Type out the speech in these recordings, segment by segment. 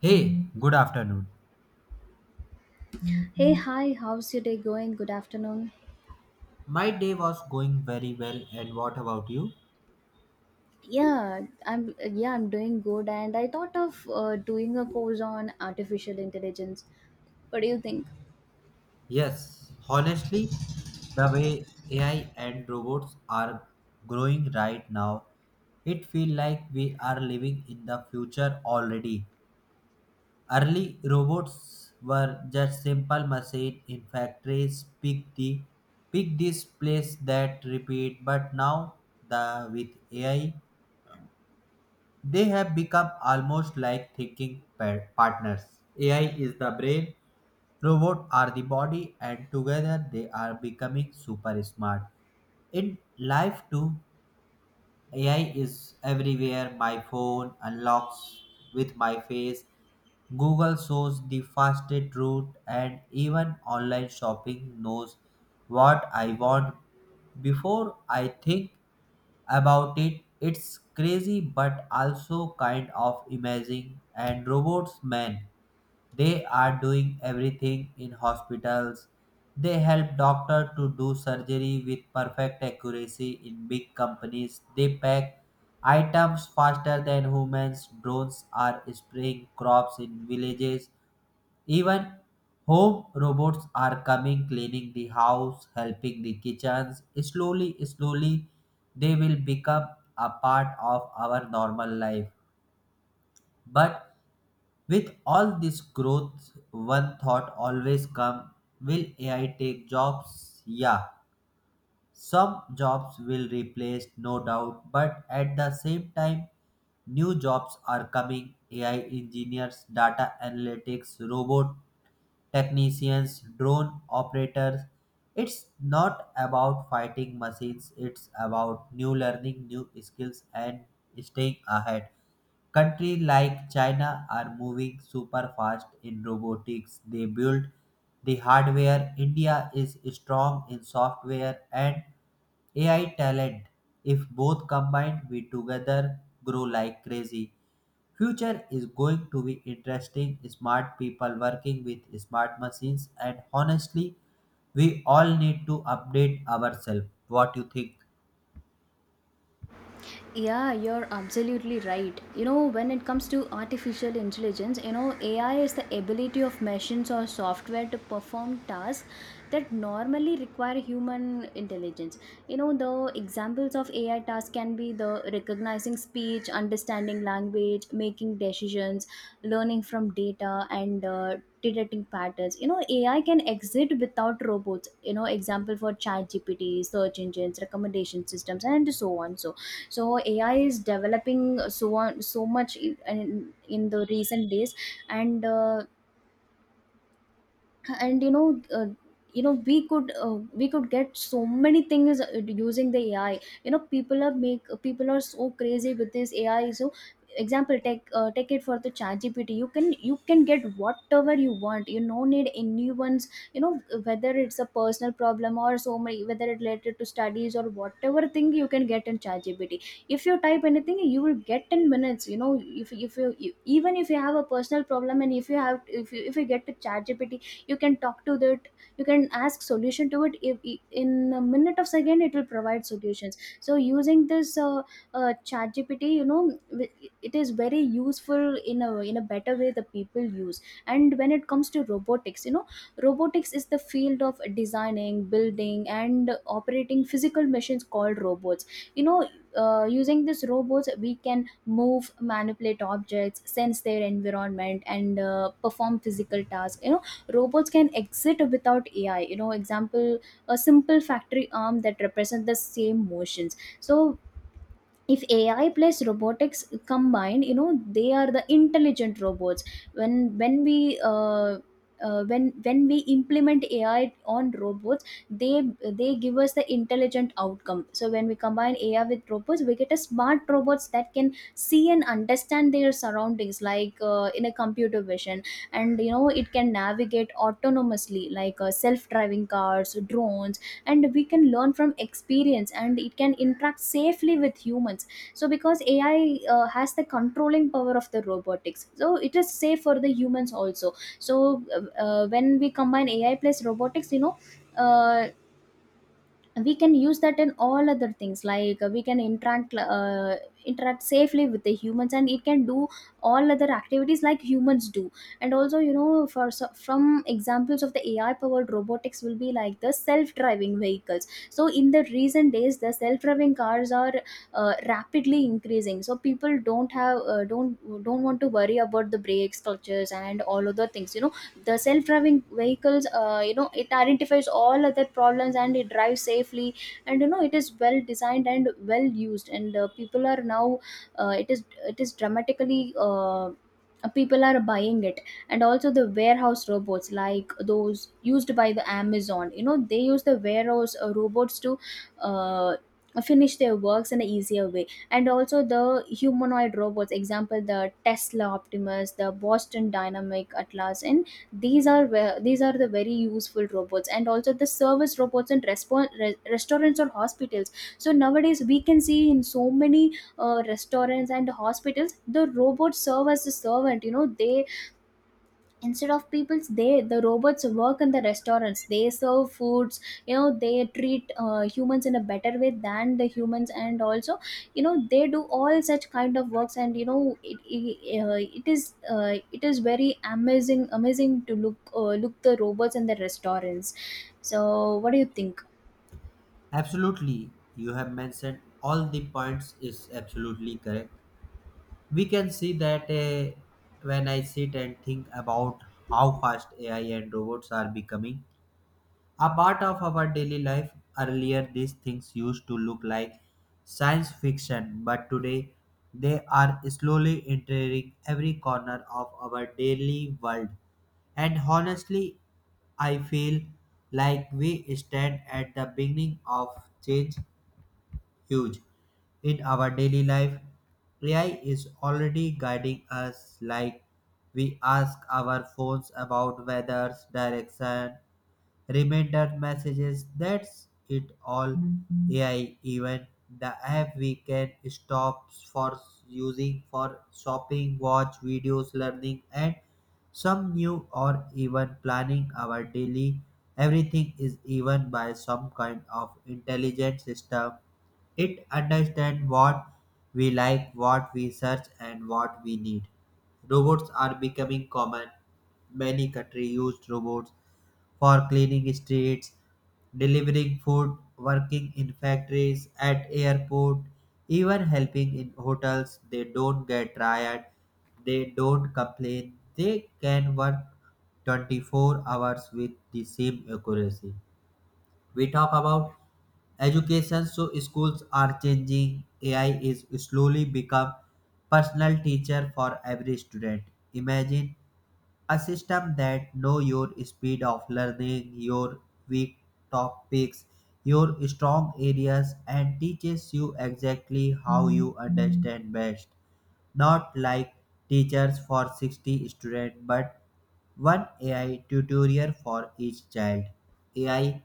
Hey, good afternoon. Hey, hi, how's your day going? Good afternoon. My day was going very well, and what about you? Yeah, I'm doing good and I thought of doing a course on artificial intelligence. What do you think? Yes, honestly, the way AI and robots are growing right now, it feels like we are living in the future already. Early robots were just simple machine in factories, pick this place that repeat, but now the with AI they have become almost like thinking partners. AI is the brain, robots are the body, and together they are becoming super smart. In life, too, AI is everywhere. My phone unlocks with my face. Google shows the fastest route, and even online shopping knows what I want before I think about it. It's crazy but also kind of amazing. And robots, man. They are doing everything in hospitals. They help doctor to do surgery with perfect accuracy in big companies. They pack items faster than humans. Drones are spraying crops in villages. Even home robots are coming cleaning the house, helping the kitchens. Slowly, slowly they will become a part of our normal life. But with all this growth, one thought always comes: will AI take jobs? Yeah, some jobs will replace, no doubt, but at the same time, new jobs are coming: AI engineers, data analytics, robot technicians, drone operators. It's not about fighting machines, it's about new learning, new skills, and staying ahead. Countries like China are moving super fast in robotics. They build the hardware. India is strong in software and AI talent. If both combined, we together grow like crazy. Future is going to be interesting. Smart people working with smart machines, and honestly, we all need to update ourselves. What you think? Yeah, you're absolutely right. You know, when it comes to artificial intelligence, you know, AI is the ability of machines or software to perform tasks that normally require human intelligence. You know, the examples of AI tasks can be the recognizing speech, understanding language, making decisions, learning from data, and detecting patterns. You know, ai can exist without robots. You know, example for chat gpt, search engines, recommendation systems and so on. So ai is developing so on so much in the recent days, and uh, and you know, you know we could get so many things using the ai. You know, people are make people are so crazy with this ai. So example, take take it for the chat gpt. You can you can get whatever you want. You no need anyone's, you know, whether it's a personal problem or so many, whether it related to studies or whatever thing, you can get in chat gpt. If you type anything, you will get in minutes. You know, if you, you even if you have a personal problem, and if you have if you get to chat, you can talk to that. You can ask solution to it. If, In a minute of second, it will provide solutions. So using this chat gpt, you know, it is very useful in a better way the people use. And when it comes to robotics, you know, robotics is the field of designing, building and operating physical machines called robots. You know, using these robots we can move, manipulate objects, sense their environment and perform physical tasks. You know, robots can exit without ai. You know, example, a simple factory arm that represents the same motions. So if ai plus robotics combined, you know, they are the intelligent robots. When when we uh, uh, when when we implement ai on robots, they give us the intelligent outcome. So when we combine ai with robots, we get a smart robots that can see and understand their surroundings like in a computer vision. And you know it can navigate autonomously like self driving cars, drones. And we can learn from experience and it can interact safely with humans. So because ai has the controlling power of the robotics, so it is safe for the humans also. So when we combine ai plus robotics, you know, uh, we can use that in all other things, like we can interact interact safely with the humans, and it can do all other activities like humans do. And also you know, from examples of the ai powered robotics will be like the self driving vehicles. So in the recent days the self driving cars are rapidly increasing. So people don't have don't want to worry about the brakes, clutches and all other things. You know, the self-driving vehicles, you know, it identifies all other problems and it drives safely. And you know it is well designed and well used, and people are now it is dramatically people are buying it. And also the warehouse robots like those used by the amazon, you know, they use the warehouse robots to uh, finish their works in an easier way. And also the humanoid robots, example the tesla optimus, the boston dynamic atlas, and these are the very useful robots. And also the service robots in restaurants or hospitals. So nowadays we can see in so many restaurants and hospitals the robots serve as a servant. You know, they, instead of people's, they the robots work in the restaurants, they serve foods. You know, they treat humans in a better way than the humans. And also you know they do all such kind of works. And you know it is very amazing to look look the robots in the restaurants. So what do you think? Absolutely, you have mentioned all the points is absolutely correct. We can see that, when I sit and think about how fast AI and robots are becoming a part of our daily life, earlier these things used to look like science fiction, but today they are slowly entering every corner of our daily world. And honestly, I feel like we stand at the beginning of change huge. In our daily life, AI is already guiding us, like we ask our phones about weather's direction, reminder messages. That's it, all AI. Even the app we can stop for using for shopping, watch videos, learning, and some new or even planning our daily. Everything is even by some kind of intelligent system. It understands what we like, what we search, and what we need. Robots are becoming common. Many countries use robots for cleaning streets, delivering food, working in factories, at airport, even helping in hotels. They don't get tired, they don't complain. They can work 24 hours with the same accuracy. We talk about education, so schools are changing. AI is slowly become personal teacher for every student. Imagine a system that knows your speed of learning, your weak topics, your strong areas, and teaches you exactly how you understand best. Not like teachers for 60 students, but one AI tutorial for each child. AI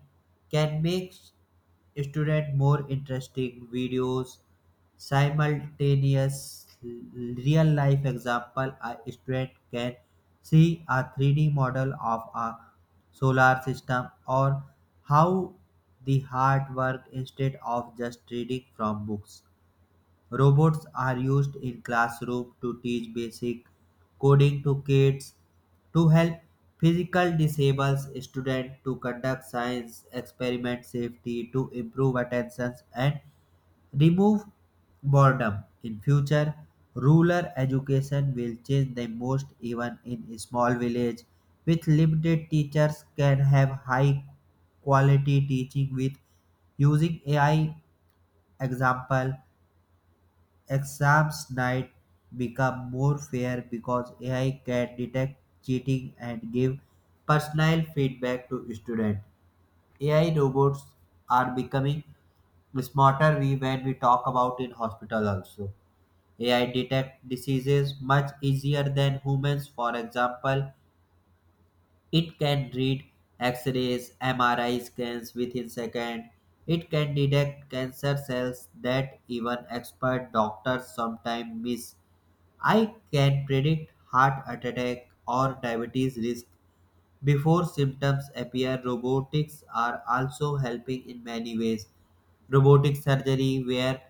can make students more interesting videos, simultaneous real life example. A student can see a 3D model of a solar system or how the heart works instead of just reading from books. Robots are used in classroom to teach basic coding to kids, to help physical disabled students to conduct science experiment safety, to improve attention and remove boredom. In future, rural education will change the most. Even in small village with limited teachers can have high quality teaching with using AI. Example: exams night become more fair because AI can detect cheating and give personal feedback to students. AI robots are becoming smarter. We when we talk about in hospital also. AI detect diseases much easier than humans. For example, it can read X-rays, MRI scans within seconds. It can detect cancer cells that even expert doctors sometimes miss. I can predict heart attack or diabetes risk before symptoms appear. Robotics are also helping in many ways. Robotic surgery, where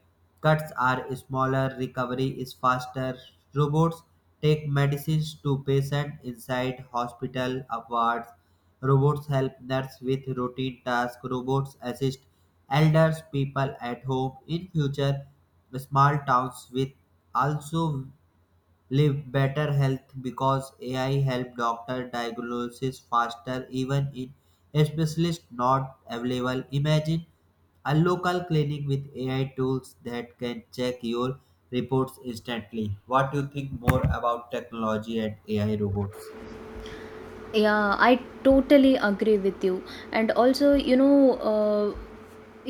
cuts are smaller, recovery is faster. Robots take medicines to patient inside hospital wards. Robots help nurse with routine tasks. Robots assist elders people at home. In future, small towns with also live better health because AI help doctor diagnosis faster even in specialists not available. Imagine a local clinic with AI tools that can check your reports instantly. What do you think more about technology and AI robots? Yeah, I totally agree with you. And also you know, uh,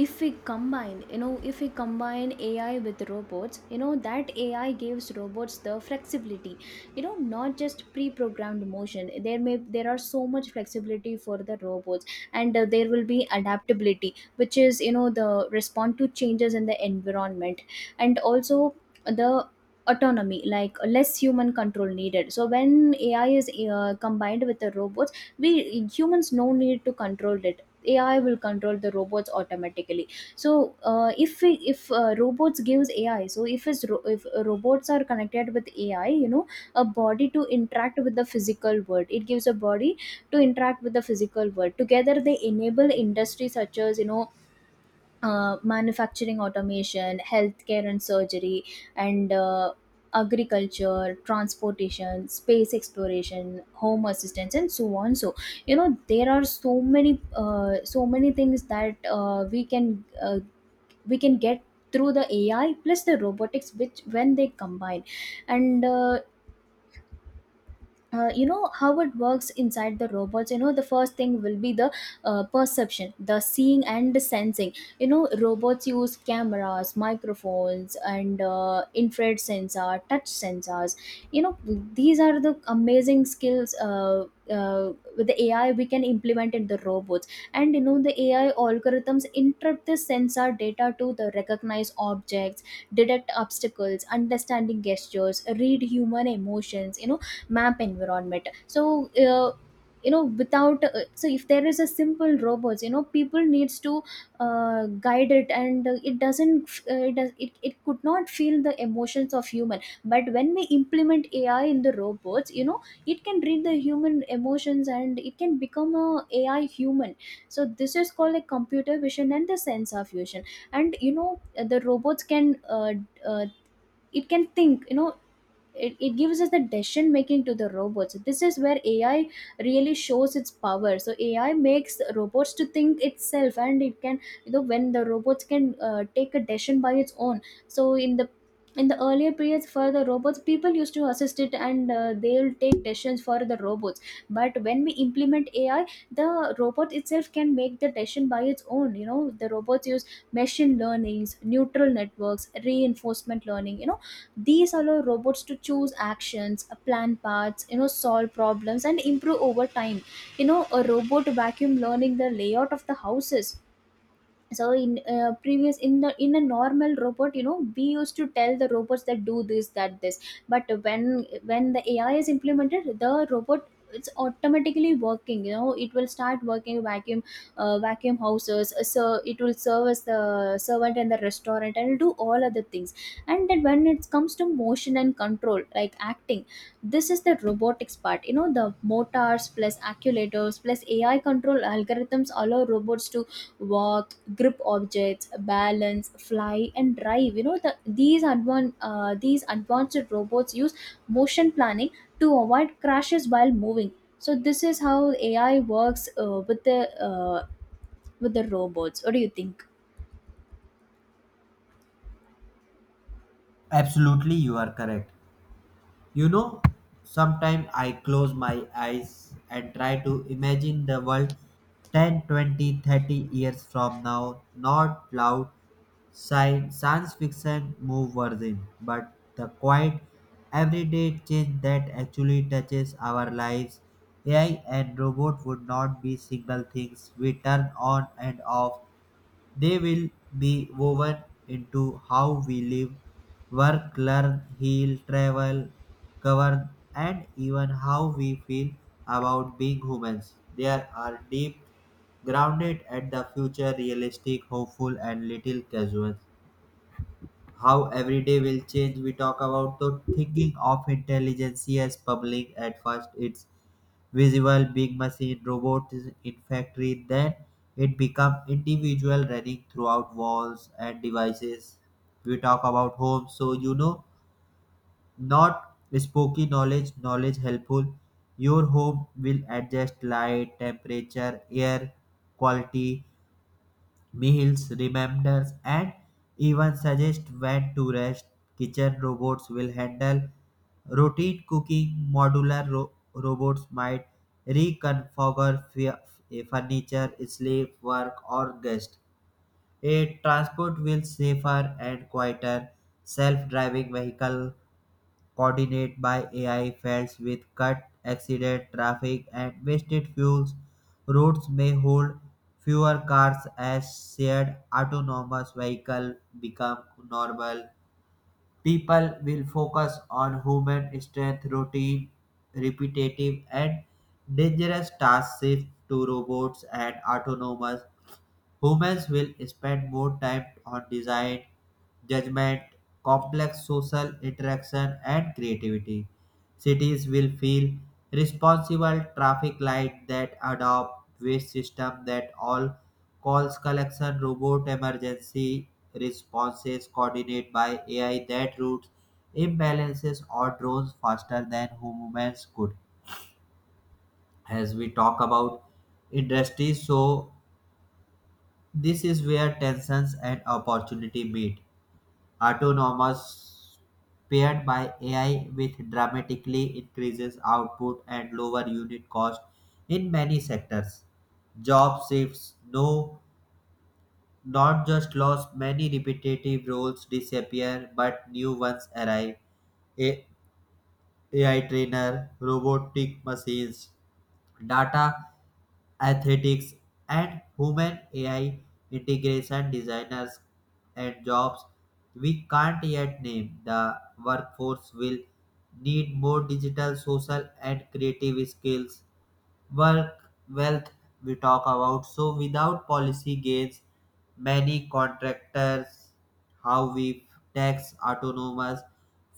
if we combine you know if we combine ai with robots, you know that ai gives robots the flexibility. You know, not just pre-programmed motion. There are so much flexibility for the robots. And there will be adaptability, which is, you know, the respond to changes in the environment. And also the autonomy, like less human control needed. So when ai is combined with the robots, we humans no need to control it. AI will control the robots automatically. So if we, if robots gives AI, so if it's ro- if robots are connected with AI, you know, a body to interact with the physical world. It gives a body to interact with the physical world. Together, they enable industries such as you know manufacturing, automation, healthcare and surgery, and agriculture, transportation, space exploration, home assistance, and so on. So you know there are so many so many things that we can get through the AI plus the robotics, which when they combine. And You know how it works inside the robots. You know, the first thing will be the perception, the seeing and the sensing. You know, robots use cameras, microphones and infrared sensor, touch sensors. You know, these are the amazing skills, with the AI, we can implement in the robots. And you know the AI algorithms interpret the sensor data to the recognize objects, detect obstacles, understanding gestures, read human emotions. You know, map environment. So you know without so if there is a simple robots, you know, people needs to guide it, and it it could not feel the emotions of human. But when we implement ai in the robots, you know, it can read the human emotions and it can become a ai human. So this is called a computer vision and the sensor fusion. And you know the robots can uh, it can think. You know, it gives us the decision making to the robots. This is where ai really shows its power. So ai makes robots to think itself, and it can, you know, when the robots can take a decision by its own. So in the earlier periods for the robots, people used to assist it, and they'll take decisions for the robots. But when we implement ai, the robot itself can make the decision by its own. You know, the robots use machine learnings, neutral networks, reinforcement learning. You know, these allow robots to choose actions, plan paths, you know, solve problems and improve over time. You know, a robot vacuum learning the layout of the houses. So in previous in the in a normal robot, you know, we used to tell the robots that do this that this. But when the ai is implemented, the robot it's automatically working. You know, it will start working vacuum, vacuum houses. So it will serve as the servant in the restaurant and do all other things. And then when it comes to motion and control, like acting, this is the robotics part. You know, the motors plus acculators plus ai control algorithms allow robots to walk, grip objects, balance, fly and drive. You know, these advanced robots use motion planning to avoid crashes while moving. So this is how ai works with the robots. What do you think? Absolutely, you are correct. You know, sometimes I close my eyes and try to imagine the world 10, 20, 30 years from now, not loud science fiction move version, but the quiet everyday change that actually touches our lives. AI and robot would not be single things we turn on and off. They will be woven into how we live, work, learn, heal, travel, govern, and even how we feel about being humans. There are deep, grounded at the future, realistic, hopeful, and little casual how every day will change. We talk about the thinking of intelligence as public. At first it's visible big machine robots in factory, then it become individual running throughout walls and devices. We talk about home, so you know, not spooky knowledge, knowledge helpful. Your home will adjust light, temperature, air quality, meals, reminders, and even suggest when to rest. Kitchen robots will handle routine cooking, modular robots might reconfigure furniture, sleep, work, or guest. A transport will safer and quieter. Self-driving vehicle coordinated by AI fails with cut, accident, traffic, and wasted fuels. Routes may hold fewer cars as shared autonomous vehicles become normal. People will focus on human strength, routine, repetitive, and dangerous tasks shift to robots and autonomous. Humans will spend more time on design, judgment, complex social interaction, and creativity. Cities will feel responsible, traffic light that adopt, waste system that all calls collection robot, emergency responses coordinate by AI that routes imbalances or drones faster than humans could. As we talk about industries, so this is where tensions and opportunity meet. Autonomous paired by AI with dramatically increases output and lower unit cost in many sectors. Job shifts, no, not just lost, many repetitive roles disappear, but new ones arrive. A- AI trainer, robotic machines, data athletics, and human AI integration designers and jobs we can't yet name. The workforce will need more digital, social, and creative skills. Work, wealth, we talk about. So without policy gains, many contractors, how we tax autonomous,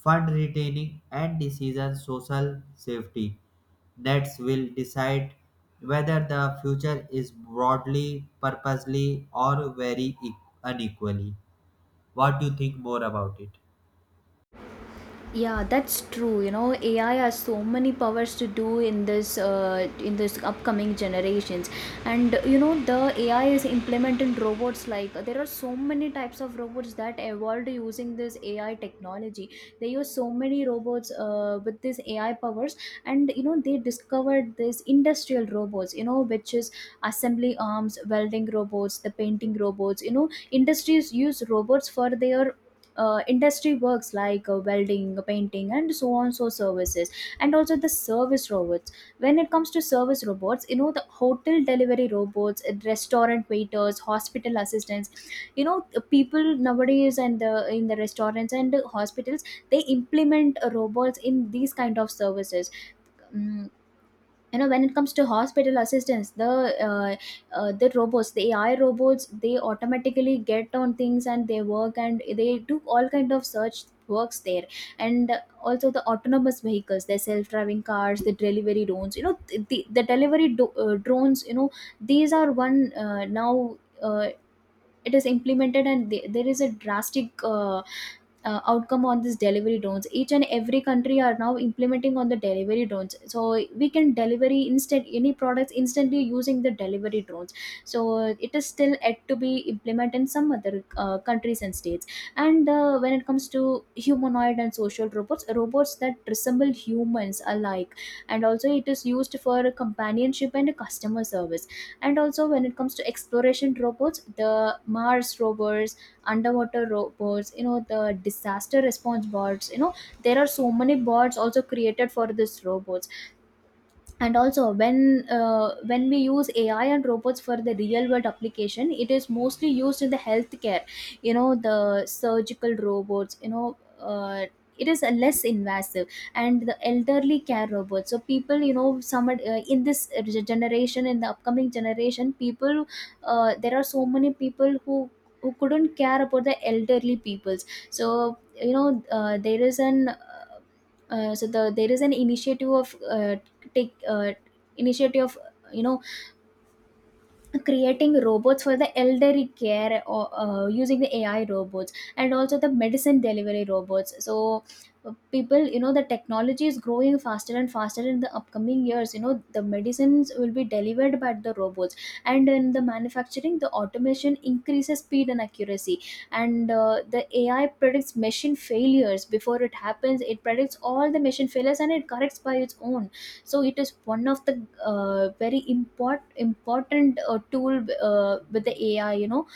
fund retaining and decision social safety nets will decide whether the future is broadly purposely or very unequally. What do you think more about it? Yeah, that's true. You know, AI has so many powers to do in this upcoming generations. And you know the AI is implemented in robots. Like there are so many types of robots that evolved using this AI technology. They use so many robots with this AI powers. And you know they discovered this industrial robots. You know, which is assembly arms, welding robots, the painting robots. You know, industries use robots for their industry works like welding painting and so on so services, and also the service robots. When it comes to service robots, you know, the hotel delivery robots, restaurant waiters, hospital assistants. You know the people nowadays and the in the restaurants and the hospitals, they implement robots in these kind of services. Mm, you know, when it comes to hospital assistance, uh, the robots, the AI robots, they automatically get on things and they work and they do all kind of search works there. And also the autonomous vehicles, the self-driving cars, the delivery drones, you know, the delivery drones, you know, these are one now, it is implemented, and there is a drastic outcome on this delivery drones. Each and every country are now implementing on the delivery drones, so we can delivery instant any products instantly using the delivery drones. So it is still yet to be implemented in some other countries and states. And when it comes to humanoid and social robots, robots that resemble humans alike, and also it is used for companionship and customer service. And also when it comes to exploration robots, the Mars rover, underwater robots, you know, the disaster response bots, you know, there are so many bots also created for this robots. And also when we use AI and robots for the real world application, it is mostly used in the healthcare. You know, the surgical robots, you know, it is a less invasive, and the elderly care robots. So people, you know, some in this generation, in the upcoming generation, people, there are so many people who couldn't care about the elderly peoples. So you know, there is an so there is an initiative of take initiative of, you know, creating robots for the elderly care or using the AI robots and also the medicine delivery robots, so people, you know, the technology is growing faster and faster in the upcoming years, you know, the medicines will be delivered by the robots. And in the manufacturing, the automation increases speed and accuracy. And the AI predicts machine failures before it happens. It predicts all the machine failures and it corrects by its own. So it is one of the very important tool with the AI, you know.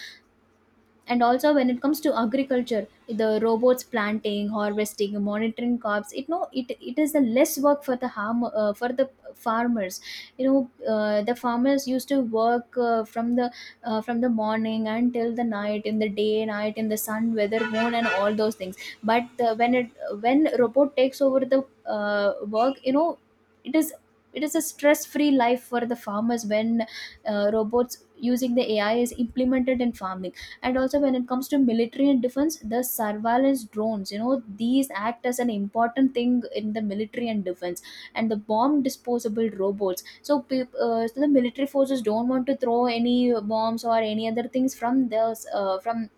And also when it comes to agriculture, the robots planting, harvesting, monitoring crops, it no it is a less work for the harm for the farmers. You know, the farmers used to work from the morning until the night, in the day night, in the sun, weather, moon, and all those things. But when robot takes over the work, you know, it is it is a stress free life for the farmers when robots using the AI is implemented in farming. And also when it comes to military and defense, the surveillance drones, you know, these act as an important thing in the military and defense. And the bomb disposable robots, so, so the military forces don't want to throw any bombs or any other things uh, from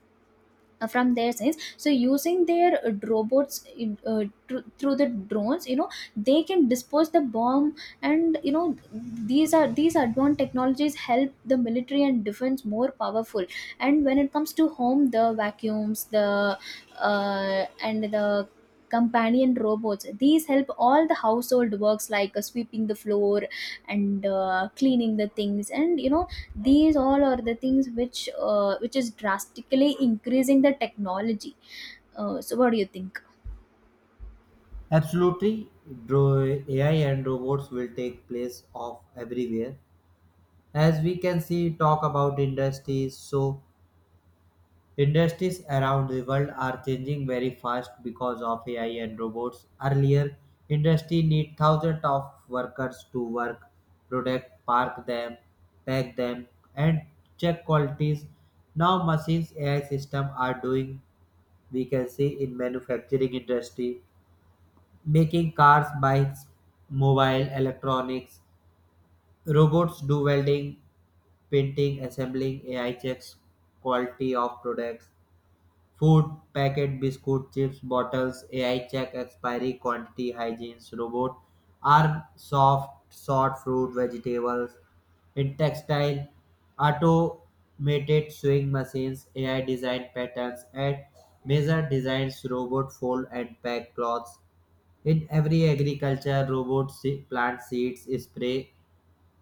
from their science, so using their robots, through the drones, you know, they can dispose the bomb. And you know these advanced technologies help the military and defense more powerful. And when it comes to home, the vacuums, the and the companion robots, these help all the household works like sweeping the floor and cleaning the things, and you know these all are the things which is drastically increasing the technology. So what do you think? Absolutely, AI and robots will take place of everywhere. As we can see, talk about industries. So, industries around the world are changing very fast because of AI and robots. Earlier, industry need thousands of workers to work, product, park them, pack them, and check qualities. Now, machines AI system are doing. We can see in manufacturing industry, making cars, bikes, mobile electronics. Robots do welding, painting, assembling, AI checks quality of products, food, packet, biscuit, chips, bottles, AI check expiry, quantity, hygiene, robot, arm, soft, sort, fruit, vegetables, in textile, automated sewing machines, AI design patterns, and measure designs, robot fold and pack clothes. In every agriculture, robots plant seeds, spray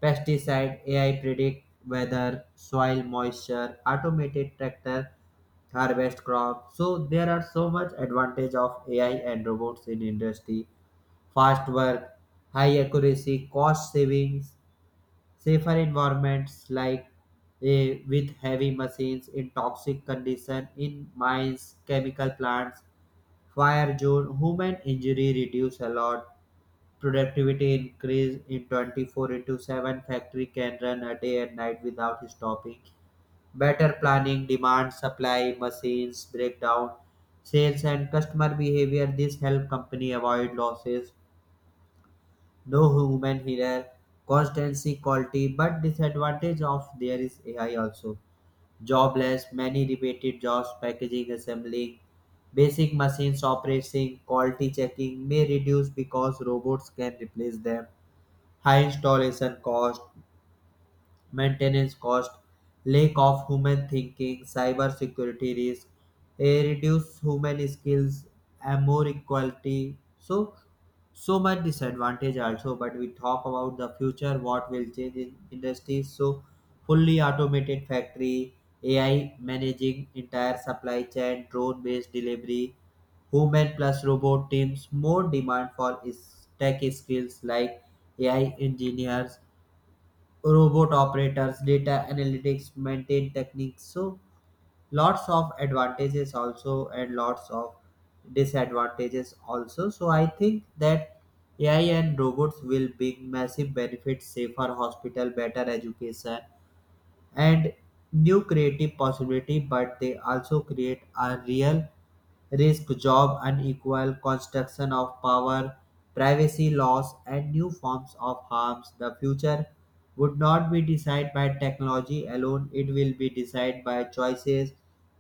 pesticide, AI predict weather, soil moisture, automated tractor harvest crop. So there are so much advantage of AI and robots in industry. Fast work, high accuracy, cost savings, safer environments, like with heavy machines in toxic condition in mines, chemical plants, fire zone, human injury reduce a lot. Productivity increase in 24 into 7 factory can run a day and night without stopping. Better planning, demand, supply, machines, breakdown, sales and customer behavior. This help company avoid losses. No human error, constancy, quality, but disadvantage of there is AI also. Jobless, many repeated jobs, packaging, assembling, basic machines operating, quality checking may reduce because robots can replace them, high installation cost, maintenance cost, lack of human thinking, cyber security risk, a reduced human skills, and more equality. So, so much disadvantage also. But we talk about the future, what will change in industries. So, fully automated factory, AI managing entire supply chain, drone-based delivery, human plus robot teams, more demand for tech skills like AI engineers, robot operators, data analytics, maintain techniques. So lots of advantages also and lots of disadvantages also. So I think that AI and robots will bring massive benefits, safer hospital, better education, and new creative possibility, but they also create a real risk, job unequal construction of power, privacy loss, and new forms of harms. The future would not be decided by technology alone, it will be decided by choices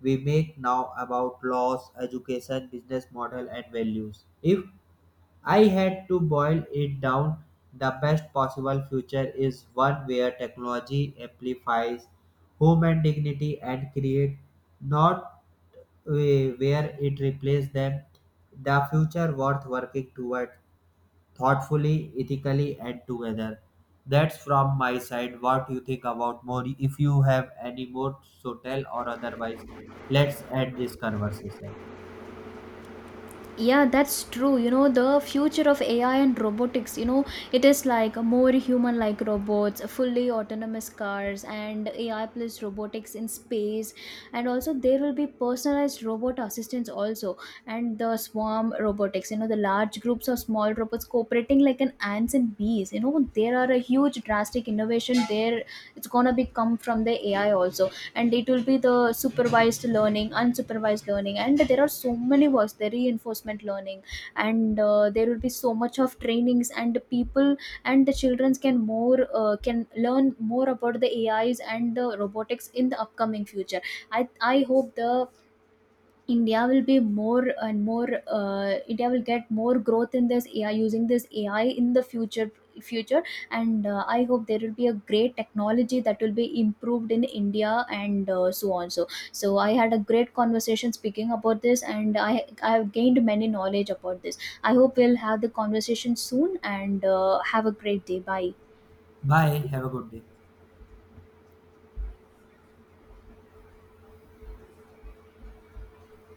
we make now about laws, education, business model and values. If I had to boil it down, the best possible future is one where technology amplifies human dignity and create, not uh, where it replaces them. The future worth working toward thoughtfully, ethically, and together. That's from my side. What you think about more? If you have any more, so tell or otherwise. Let's end this conversation. Yeah, that's true. You know, the future of AI and robotics, you know, it is like more human like robots, fully autonomous cars, and AI plus robotics in space. And also there will be personalized robot assistants also. And the swarm robotics, you know, the large groups of small robots cooperating like an ants and bees, you know, there are a huge drastic innovation there. It's gonna be come from the AI also. And it will be the supervised learning, unsupervised learning, and there are so many words, the reinforcement learning. And there will be so much of trainings and the people, and the children can learn more about the AIs and the robotics in the upcoming future. I i hope the India will be more and more. India will get more growth in this AI using this AI in the future and I hope there will be a great technology that will be improved in India, and so on so I had a great conversation speaking about this, and I have gained many knowledge about this. I hope we'll have the conversation soon, and have a great day. Bye. Bye. Have a good day.